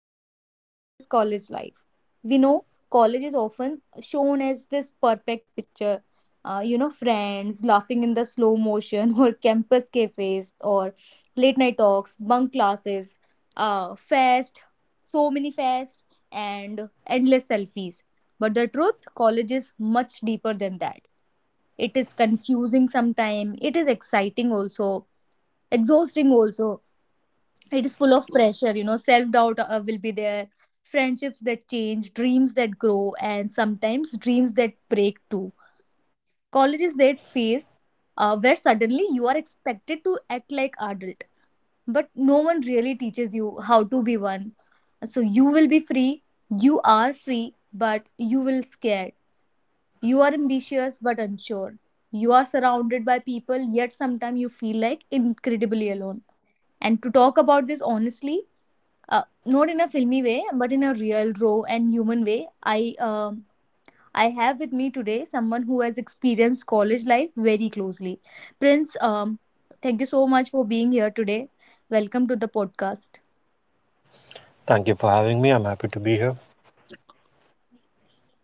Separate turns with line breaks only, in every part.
someday, it is college life. We know college is often shown as this perfect picture. Friends laughing in the slow motion, or campus cafes, or late night talks, bunk classes, fest, so many fest, and endless selfies. But the truth, college is much deeper than that. It is confusing sometimes. It is exciting also, exhausting also, it is full of pressure, self doubt will be there, friendships that change, dreams that grow, and sometimes dreams that break too. College is that phase where suddenly you are expected to act like adult, but no one really teaches you how to be one. So you will be free, you are free but you will scared, you are ambitious but unsure, you are surrounded by people yet sometimes you feel like incredibly alone. And to talk about this honestly, not in a filmy way but in a real raw and human way, I have with me today someone who has experienced college life very closely. Prince, thank you so much for being here today. Welcome to the podcast.
Thank you for having me. I'm happy to be here.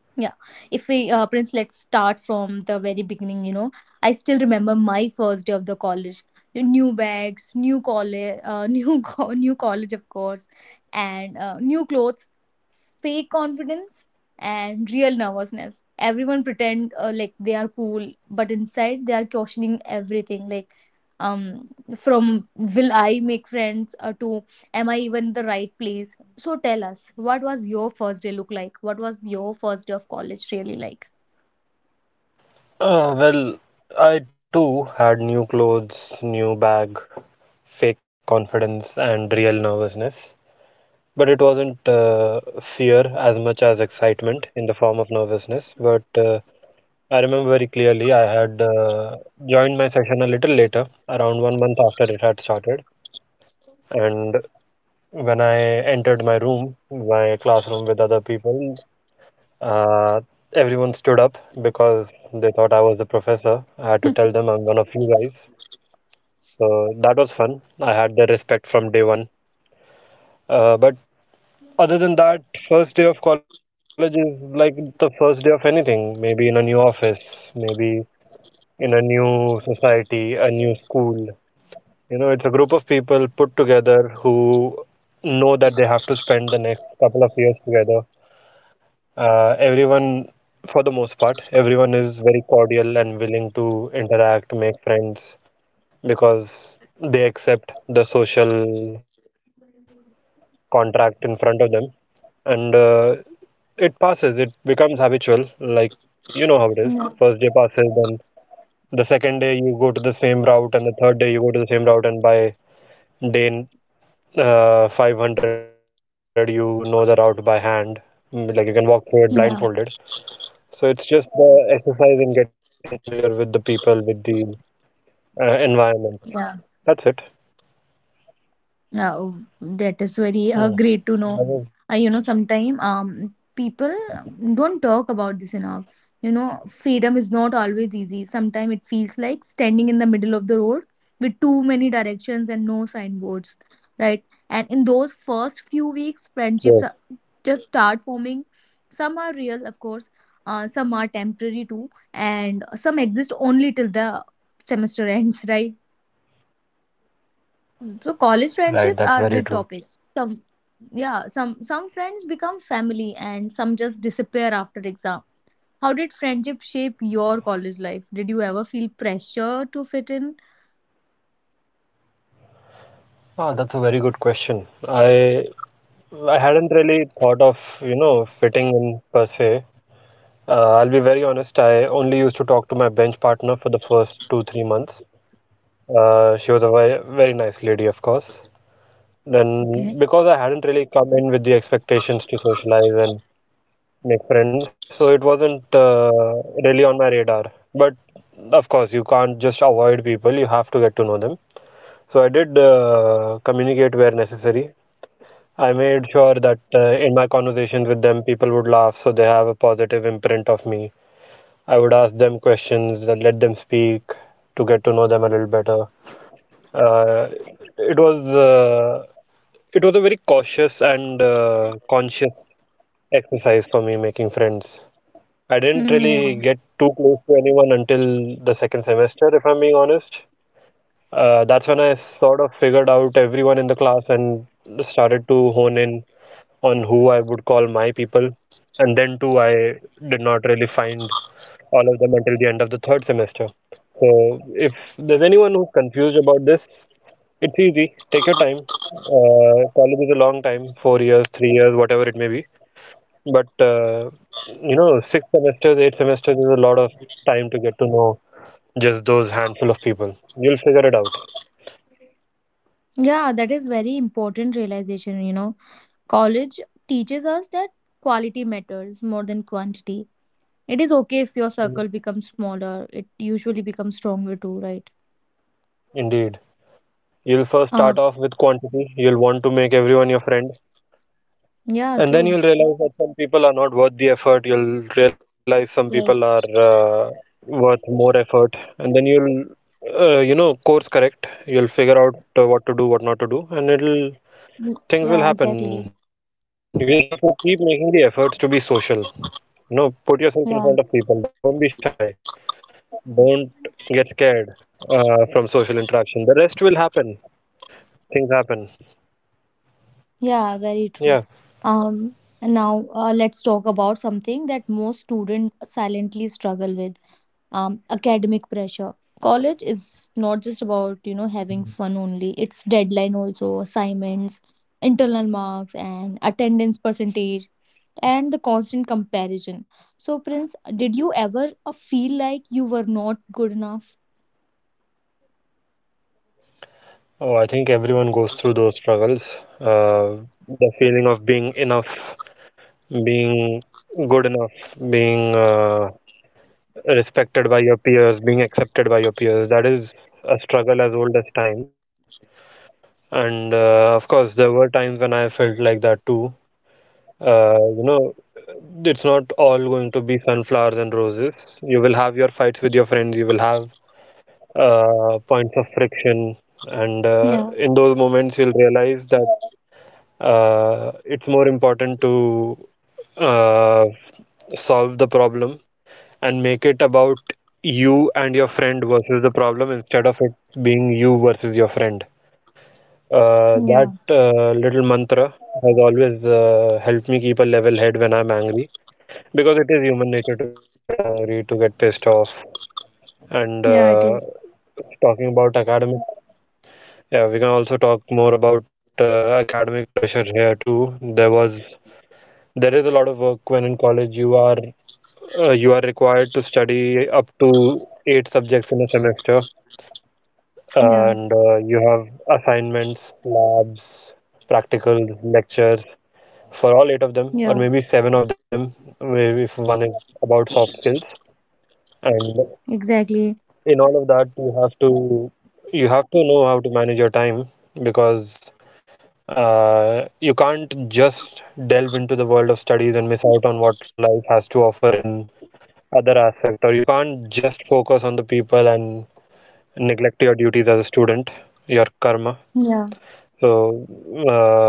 Yeah, if we Prince, let's start from the very beginning, I still remember my first day of the college. You know, new bags, new college, new college of course, and new clothes, fake confidence, and real nervousness. Everyone pretend like they are cool but inside they are questioning everything, like, um from will I make friends, to am I even in the right place. So tell us, what was your first day look like? What was your first day of college really like?
Well, I too had new clothes, new bag, fake confidence, and real nervousness. But it wasn't fear as much as excitement in the form of nervousness. But I remember very clearly I had joined my session a little later, around 1 month after it had started. And when I my room, my classroom with other people, Uh, everyone stood up because they thought I was the professor. I had to tell them I'm one of you guys. So that was fun. I had their respect from day one. But other than that, first day of college is like the first day of anything. Maybe in a new office, maybe in a new society, a new school. You know, it's a group of people put together who know that they have to spend the next couple of years together. Everyone, for the most part, everyone is very cordial and willing to interact, make friends, because they accept the social contract in front of them, and it passes. It becomes habitual. Like you know how it is.
Yeah,
First day passes, then the second day you go to the same route, and the third day you go to the same route, and by day 500 you know the route by hand. Like you can walk through it blindfolded.
yeah,
So it's just the exercise in getting familiar with the people, with the environment. That's it.
yeah. Oh, that
Hmm.
is very
That
great to
was,
know. Sometimes people don't talk about this enough. You know, freedom is not always easy. Sometimes it feels like standing in the middle of the road with too many directions and no signboards, right? And in those first few weeks,
yes.
friendships are just start forming. Some are real, of course, some are temporary too, and some exist only till the semester ends, right? So college
Right, that's
friendships
very
are
true.
big topic. Some Yeah, some friends become family and some just disappear after exam. How did friendship shape your college life? Did you ever feel pressure to fit in?
Ah, that's a very good question. I hadn't really thought of, fitting in per se. I'll be very honest, I only used to talk to my bench partner for the first 2, 3 months. She was a very, very nice lady, of course.
Okay.
Then, because I hadn't really come in with the expectations to socialize and make friends. So it wasn't really on my radar. But of course, you can't just avoid people, you have to get to know them. So I did communicate where necessary. I made sure that in my conversations with them, people would laugh, so they have a positive imprint of me. I would ask them questions, let them speak to get to know them a little better. Uh, it was uh, it was a very cautious and conscious exercise for me, friends. I didn't
Mm,
really
yeah.
get too close to anyone until the second semester, if I'm being honest. That's when I sort of figured out everyone in the class and started to hone in on who I would call my people. And then, too, I did not really find all of them until the end of the third semester. So, if there's anyone who's confused about this, it's easy. Take your time. College is a long time, 4 years, 3 years, whatever it may be. But six semesters, eight semesters is a lot of time to get to know just those handful of people. You'll figure it out.
Yeah, that is very important realization, you know. College teaches us that quality matters more than quantity. It is okay if your circle becomes smaller. It usually becomes stronger too, right?
Indeed. You'll first start
Um,
off with quantity. You'll want to make everyone your friend.
yeah,
And then
true.
you'll realize that some people are not worth the effort. You'll realize some people are
Like,
worth more effort. And then you'll, course correct. You'll figure out what to do, what not to do. And things will
yeah,
happen. You just have
exactly.
to keep making the efforts to be social. No, put yourself in front of people. Don't be shy.
Yeah.
Don't get scared from social interaction. The rest will happen. Things happen. Yeah.
Yeah, very true. And now let's talk about something that most students silently struggle with, academic pressure. College is not just about, you know, having fun only. It's deadline also, assignments, internal marks, and attendance percentage, and the constant comparison. So, Prince, did you ever feel like you were not good enough?
Oh, I think everyone goes through those struggles. The feeling of being enough, being good enough, being respected by your peers, being accepted by your peers. That is a struggle as old as time. And of course, there were times when I felt like that too. Uh, you know, it's not all going to be sunflowers and roses. You will have your fights with your friends, you will have points of friction, and
Yeah,
in those moments, you'll realize that it's more important to uh, solve the problem and make it about you and your friend versus the problem instead of it being you versus your friend. Uh,
yeah,
that uh, little mantra has always helped me keep a level head when I'm angry because it is human nature to get angry, to get pissed off. And
yeah, it is.
uh, talking about academic, yeah, we can also talk more about academic pressure here too. There is a lot of work when in college you are required to study up to eight subjects in a semester,
Yeah,
and you have assignments, labs, practicals, lectures for all eight of them,
yeah,
or maybe seven of them, maybe if one is about soft skills. And
exactly.
in all of that, you have to know how to manage your time because you can't just delve into the world of studies and miss out on what life has to offer in other aspect, or you can't just focus on the people and neglect your duties as a student, your karma.
Yeah,
So, uh,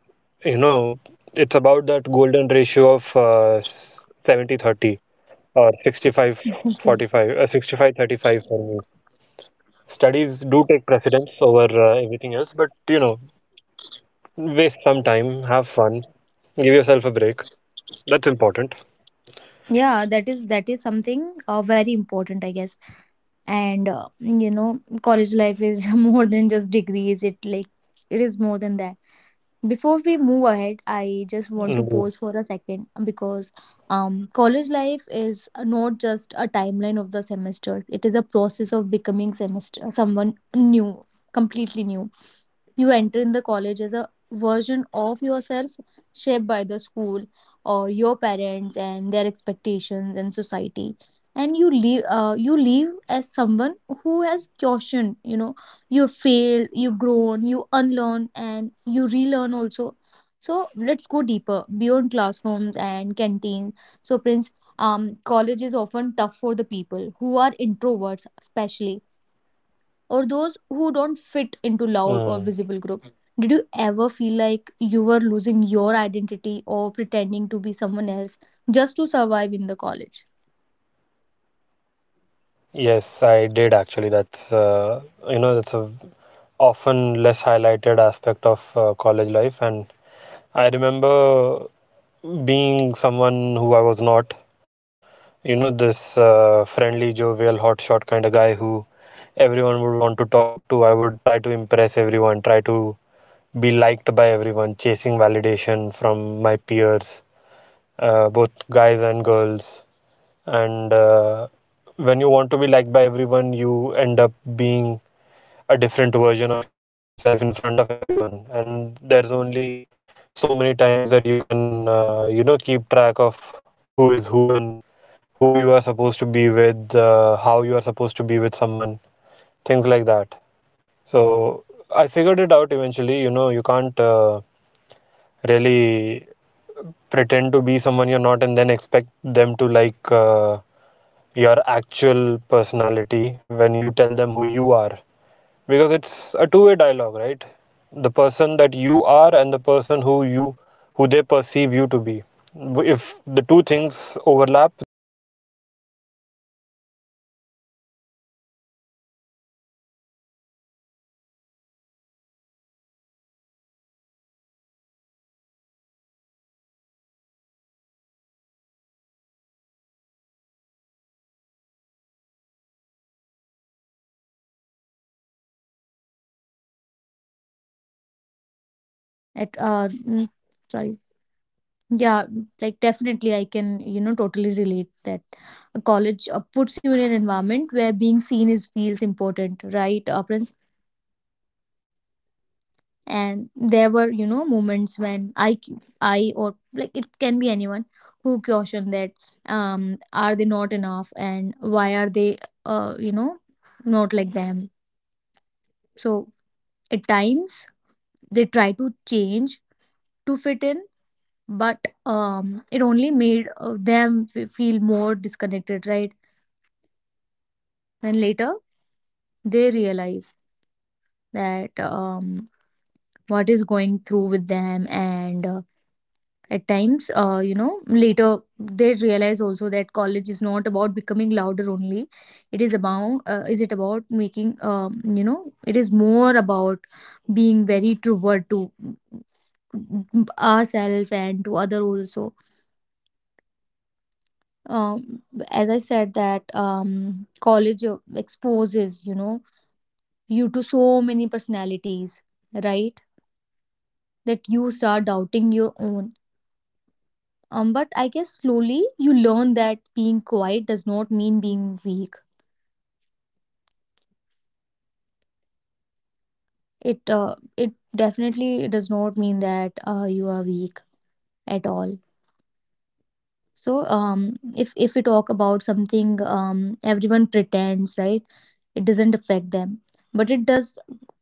you know, it's about that golden ratio of 70 30, or 65
okay.
45, 65 35. For me, studies do take precedence over everything else, but waste some time, have fun, give yourself a break. That's important.
Yeah, that is something very important I guess. And college life is more than just degrees, it like, it is more than that. Before we move ahead, I just want to pause
Indeed.
for a second, because college life is not just a timeline of the semesters, it is a process of becoming semester someone new, completely new. You enter in the college as a version of yourself, shaped by the school or your parents and their expectations and society, and you leave as someone who has cautioned, you know, you failed, you grown, you unlearn, and you relearn also. So let's go deeper beyond classrooms and canteens. So Prince, college is often tough for the people who are introverts especially, or those who don't fit into
Mm.
loud or visible groups? Did you ever feel like you were losing your identity or pretending to be someone else just to survive in the college?
Yes, I did actually. That's you know that's a often less highlighted aspect of college life, and I remember being someone who I was not. You know, this friendly, jovial, hotshot kind of guy who everyone would want to talk to. I would try to impress everyone, try to be liked by everyone, chasing validation from my peers, both guys and girls. And when you want to be liked by everyone, you end up being a different version of yourself in front of everyone, and there's only so many times that you can keep track of who is who and who you are supposed to be with, how you are supposed to be with someone, things like that. So I figured it out eventually. You know, you can't really pretend to be someone you're not and then expect them to like your actual personality when you tell them who you are, because it's a two-way dialogue, right? The person that you are and the person who they perceive you to be, if the two things overlap, then it is easier for you. At least that's what I learned in my experience, my first semester. I think I was this uh, overly social guy who you know wanted to be everyone's friend, and I was just happy riding on the highs of the school life and the fabulous
At uh,
12th
mm,
standard that I
Sorry,
had.
yeah,
And
like
eventually, I
definitely, I
stumbled and I
can,
fell
you know,
hard.
totally relate that
When things
a
got
college
tough, you
puts you in an
realize that
environment where being
being liked
seen
by
is
everyone does
feels
not matter,
important, right, Prince?
being liked by good people matters.
And there
And
were,
when
you know,
things got tough, it
moments
was
when
those
i
good
cu-
people who
i or like
made
it can be
themselves known
anyone
to me,
who
and that's how I
questioned that
figured out ki,
are they not enough
uh,
and why are they
having
you know
yourself be liked
not
by
like them.
everyone in the classroom does not help you in the
So
long run.
at
And that's
times
what I'll tell to
they try
people
to
as well.
change
I'm sure
to fit in, but
you're feeling like the hotshot
it
of
only made
your semester, you know,
feel
the
more
one
disconnected, right?
main character energy guy, kind of
And
guy.
later
But
they
I'll be very
realize
honest,
that
everyone is the main character of their own
what
story,
is going through with them.
and you
And
are
at
only
times, you
required to
know,
be
later they realize
yourself, not
also that
anyone
college
else.
is not about
It's
becoming
very
louder only,
important
it is
that
about is it
I
about
get this
making,
message across
you
because it was
know,
very
it is
personal to
more
me.
about being very
I
truer
struggled
to
with the an
ourselves
identity a
and to
lot
other
during
also.
the first two semesters,
um,
and
as I
uh,
said that
that's why
college
it also ties
exposes, you
back to
know,
my earlier point about how I
you to
couldn't
so
really
many
hone
personalities,
in on
right,
who I wanted to be friends
that
with till
you
the
start
second
doubting
semester.
your own.
The mistakes that I made in my
But I
undergrad,
guess
I corrected
slowly
in my
you learn
postgrad,
that being quiet
which
does
is why
not
my
mean
postgrad
being
was
weak.
easier.
It it definitely does not mean that you are weak at all. So if we talk about something, everyone pretends, right? It doesn't affect them, but it does.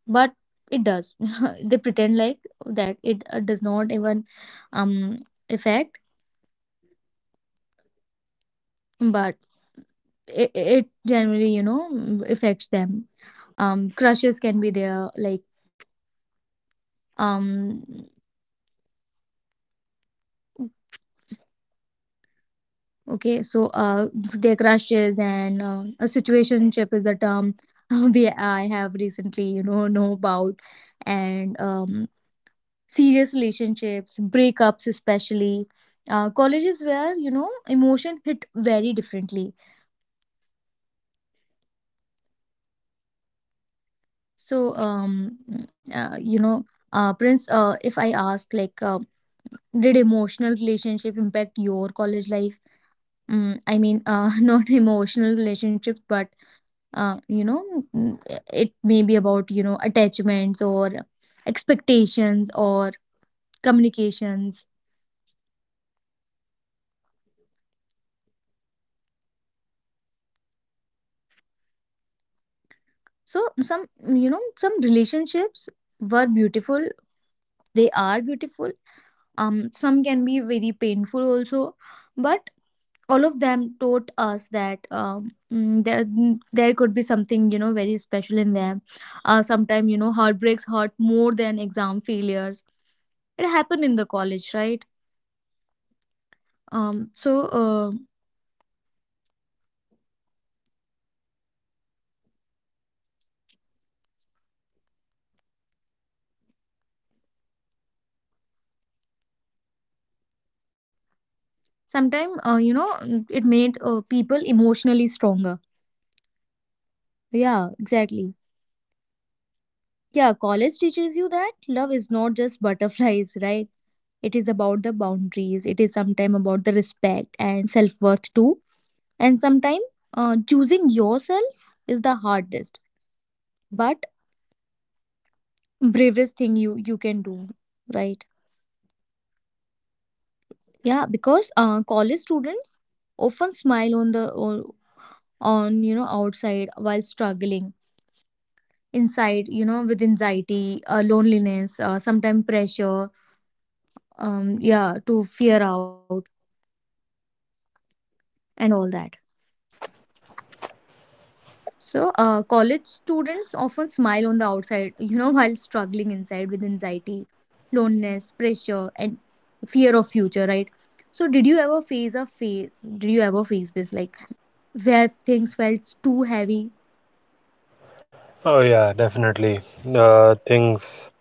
But it does. They pretend like that it does not even um affect, but it generally you know affects them. Crushes can be there, like, um okay so uh their crushes, and a situationship is the term we I have recently, you know about. And serious relationships, breakups especially, colleges where, you know, emotion hit very differently. So you know, Prince, if I ask like, did emotional relationship impact your college life? Mm, I mean, not emotional relationships, but uh, you know mm, it may be about, you know, attachments or expectations or communications. So some, you know, some relationships were beautiful, they are beautiful. Um, some can be very painful also. But all of them taught us that, there there could be something, you know, very special in them. Sometimes, you know, heartbreaks hurt more than exam failures. It happened in the college, right? um so uh, sometimes, it made people emotionally stronger. Yeah, exactly. Yeah, college teaches you that love is not just butterflies, right? It is about the boundaries. It is sometimes about the respect and self worth too. And sometimes, choosing yourself is the hardest, but bravest thing you can do, right? Yeah, because college students often smile on the on, you know, outside, while struggling inside, you know, with anxiety, loneliness, sometimes pressure, yeah, to fear out and all that. So college students often smile on the outside, you know, while struggling inside with anxiety, loneliness, pressure, and fear of future, right? So did you ever face this, like, where things felt too heavy?
Oh yeah, definitely. Things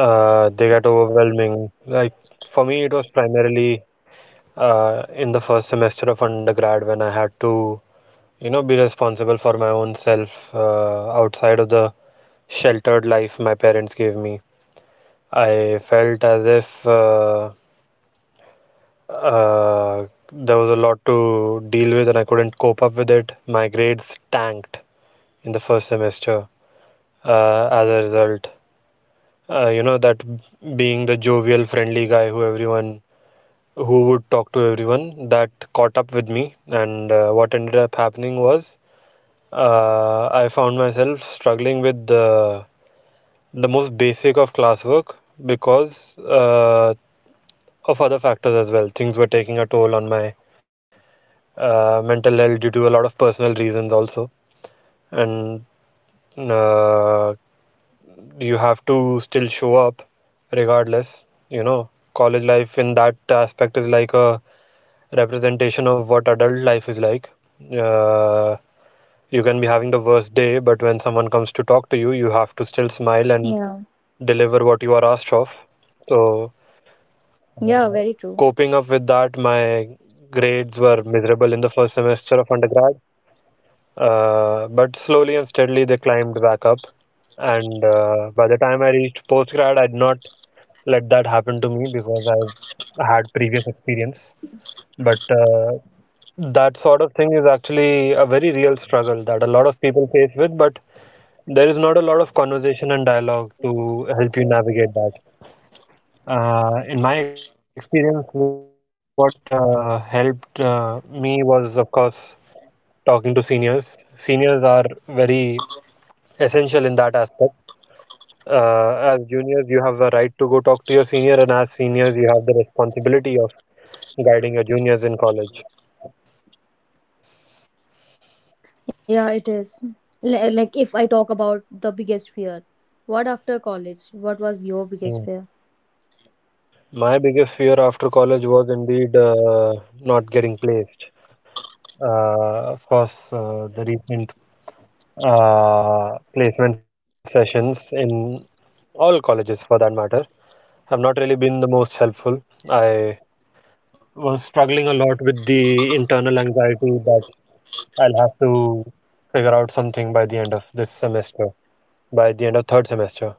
they get overwhelming. Like for me, it was primarily in the first semester of undergrad when I had to, be responsible for my own self outside of the sheltered life my parents gave me. I felt as if uh, there was a lot to deal with and I couldn't cope up with it. My grades tanked in the first semester as a result. You know that being the jovial friendly guy who everyone, who would talk to everyone that caught up with me, and what ended up happening was I found myself struggling with the most basic of classwork, because of other factors as well. Things were taking a toll on my mental health due to a lot of personal reasons also, and uh, you have to still show up regardless. You know, college life in that aspect is like a representation of what adult life is like. Uh, you can be having the worst day, but when someone comes to talk to you, you have to still smile and
Yeah,
deliver what you are asked of. So,
yeah, very true.
coping up with that, my grades were miserable in the first semester of undergrad, but slowly and steadily they climbed back up. And by the time I reached postgrad, I did not let that happen to me because I've had previous experience. But that sort of thing is actually a very real struggle that a lot of people face with, but there is not a lot of conversation and dialogue to help you navigate that. In my experience, what helped me was, of course, talking to seniors. Seniors are very essential in that aspect. As juniors, you have a right to go talk to your senior, and as seniors, you have the responsibility of guiding your juniors in college.
Yeah, it is. Li- Like if I talk about the biggest fear, what after college? What was your biggest
Mm.
fear?
My biggest fear after college was indeed not getting placed. Of course, the recent placement sessions in all colleges, for that matter, have not really been the most helpful. I was struggling a lot with the internal anxiety that I'll have to figure out something by the end of this semester, by the end of third semester,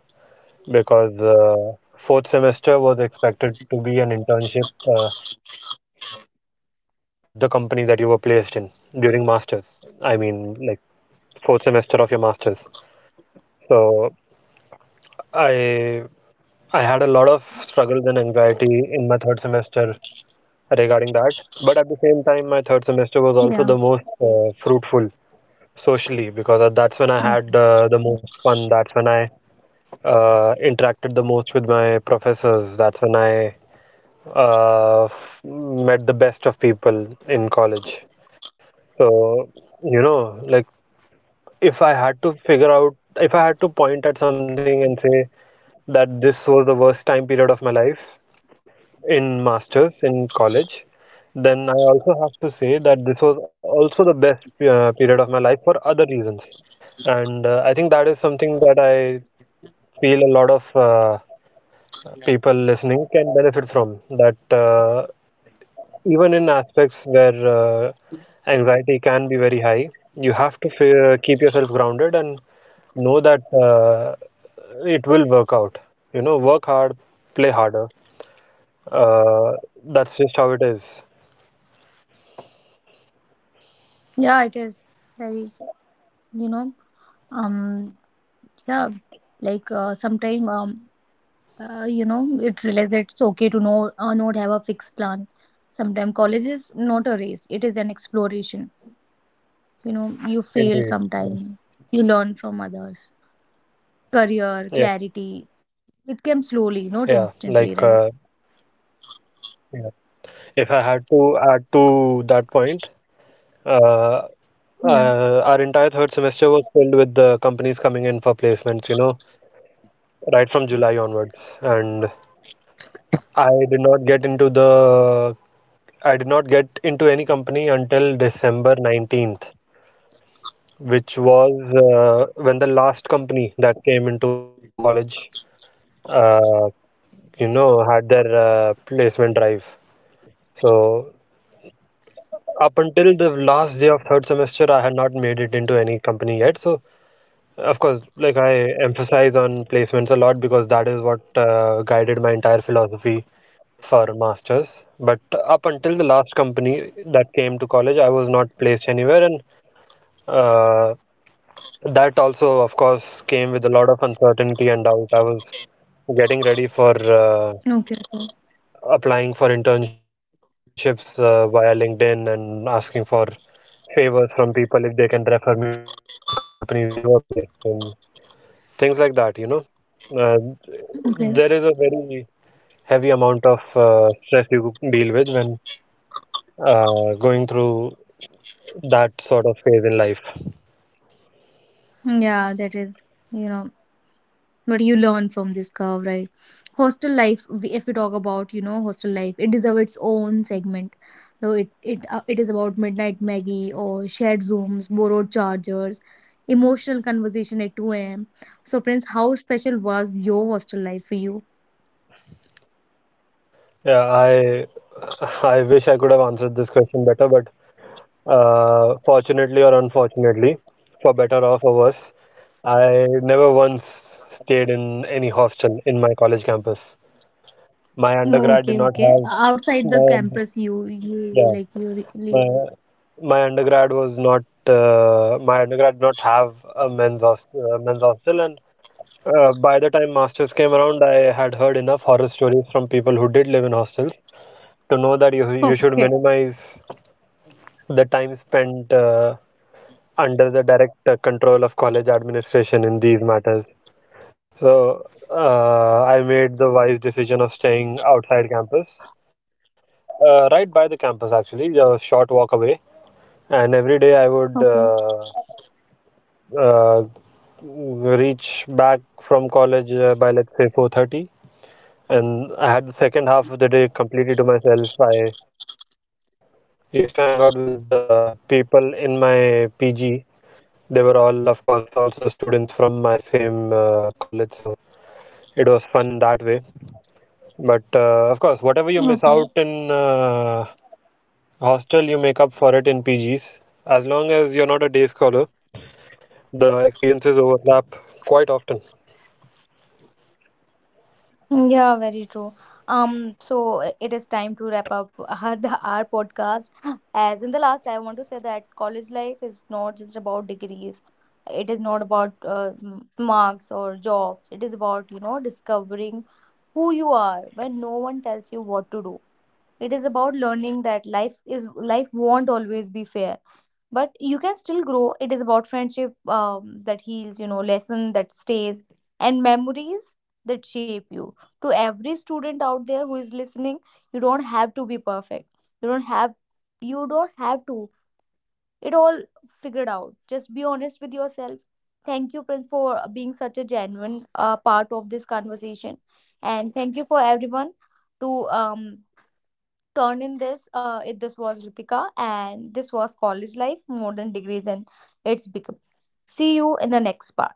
because fourth semester was expected to be an internship at the company that you were placed in during masters. I mean, like, fourth semester of your masters. So I I had a lot of struggles and anxiety in my third semester regarding that. But at the same time, my third semester
Yeah.
was also the most fruitful socially, because that's when I
Okay.
had the most fun. That's when I interacted the most with my professors. That's when I uh, met the best of people in college. So, you know, like, if I had to figure out, if I had to point at something and say that this was the worst time period of my life in masters in college, then I also have to say that this was also the best period of my life for other reasons. And I think that is something that I feel a lot of people listening can benefit from. That Even in aspects where anxiety can be very high, you have to keep yourself grounded and know that it will work out. You know, work hard, play harder. Uh, that's just how it is.
Yeah, it is very, you know, um, yeah, like sometime, you know, it realized that it's okay to know, not have a fixed plan. Sometimes college is not a race; it is an exploration. You know, you fail sometime,
Indeed. Yeah.
you learn from others. Career clarity,
Yeah.
it came slowly, not
Yeah.
instantly, right?
Yeah. If I had to add to that point, uh,
Yeah.
our entire third semester was filled with the companies coming in for placements, you know, right from July onwards. And I did not get into the I did not get into any company until December 19th, which was when the last company that came into college uh, you know, had their placement drive. So up until the last day of third semester, I had not made it into any company yet. So, of course, like, I emphasize on placements a lot because that is what guided my entire philosophy for masters. But up until the last company that came to college, I was not placed anywhere, and uh, that also, of course, came with a lot of uncertainty and doubt. I was getting ready for
Okay, okay,
applying for internships via LinkedIn and asking for favors from people if they can refer me to the companies they were placed in. Things like that, you know. Uh,
okay.
there is a very heavy amount of stress you deal with when going through that sort of phase in life.
Yeah, that is, you know, but you learn from this curve, right? Hostel life, if we talk about, you know, hostel life, it deserves its own segment. Though it is about midnight Maggie or shared rooms, borrowed chargers, emotional conversation at 2 a.m. So, Prince, how special was your hostel life for you?
Yeah, I wish I could have answered this question better, but fortunately or unfortunately, for better or for worse, never once stayed in any hostel in my college campus. My
Oh,
undergrad did
okay,
not
okay.
have
Outside the
my,
campus, you
yeah.
like
My,
lived.
my undergrad was not my undergrad did not have a men's hostel, and by the time masters came around, I had heard enough horror stories from people who did live in hostels to know that you should
Okay,
minimize the time spent under the direct control of college administration in these matters. So I made the wise decision of staying outside campus, right by the campus actually, a short walk away. And every day I would.
okay,
Uh, uh, reach back from college by, let's say, 4:30, and I had the second half of the day completely to myself. I used to hang out with people in my PG. They were all, of course, also students from my same college, so it was fun in that way. But of course, whatever you miss out
okay.
in hostel, you make up for it in PGs. As long as you're not a day scholar, the experiences overlap quite often.
Mm, yeah, very true. So it is time to wrap up our podcast. As in the last, I want to say that college life is not just about degrees. It is not about marks or jobs. It is about, you know, discovering who you are when no one tells you what to do. It is about learning that life won't always be fair, but you can still grow. It is about friendship, that heals, you know, lesson that stays, and memories that shape you. To every student out there who is listening, you don't have to be perfect. You don't have you don't have to. It all figured out. Just be honest with yourself. Thank you, Prince, for being such a genuine part of this conversation, and thank you for everyone to um turned in this this was Ritika and this was college life more than degrees and its become, see you in the next part.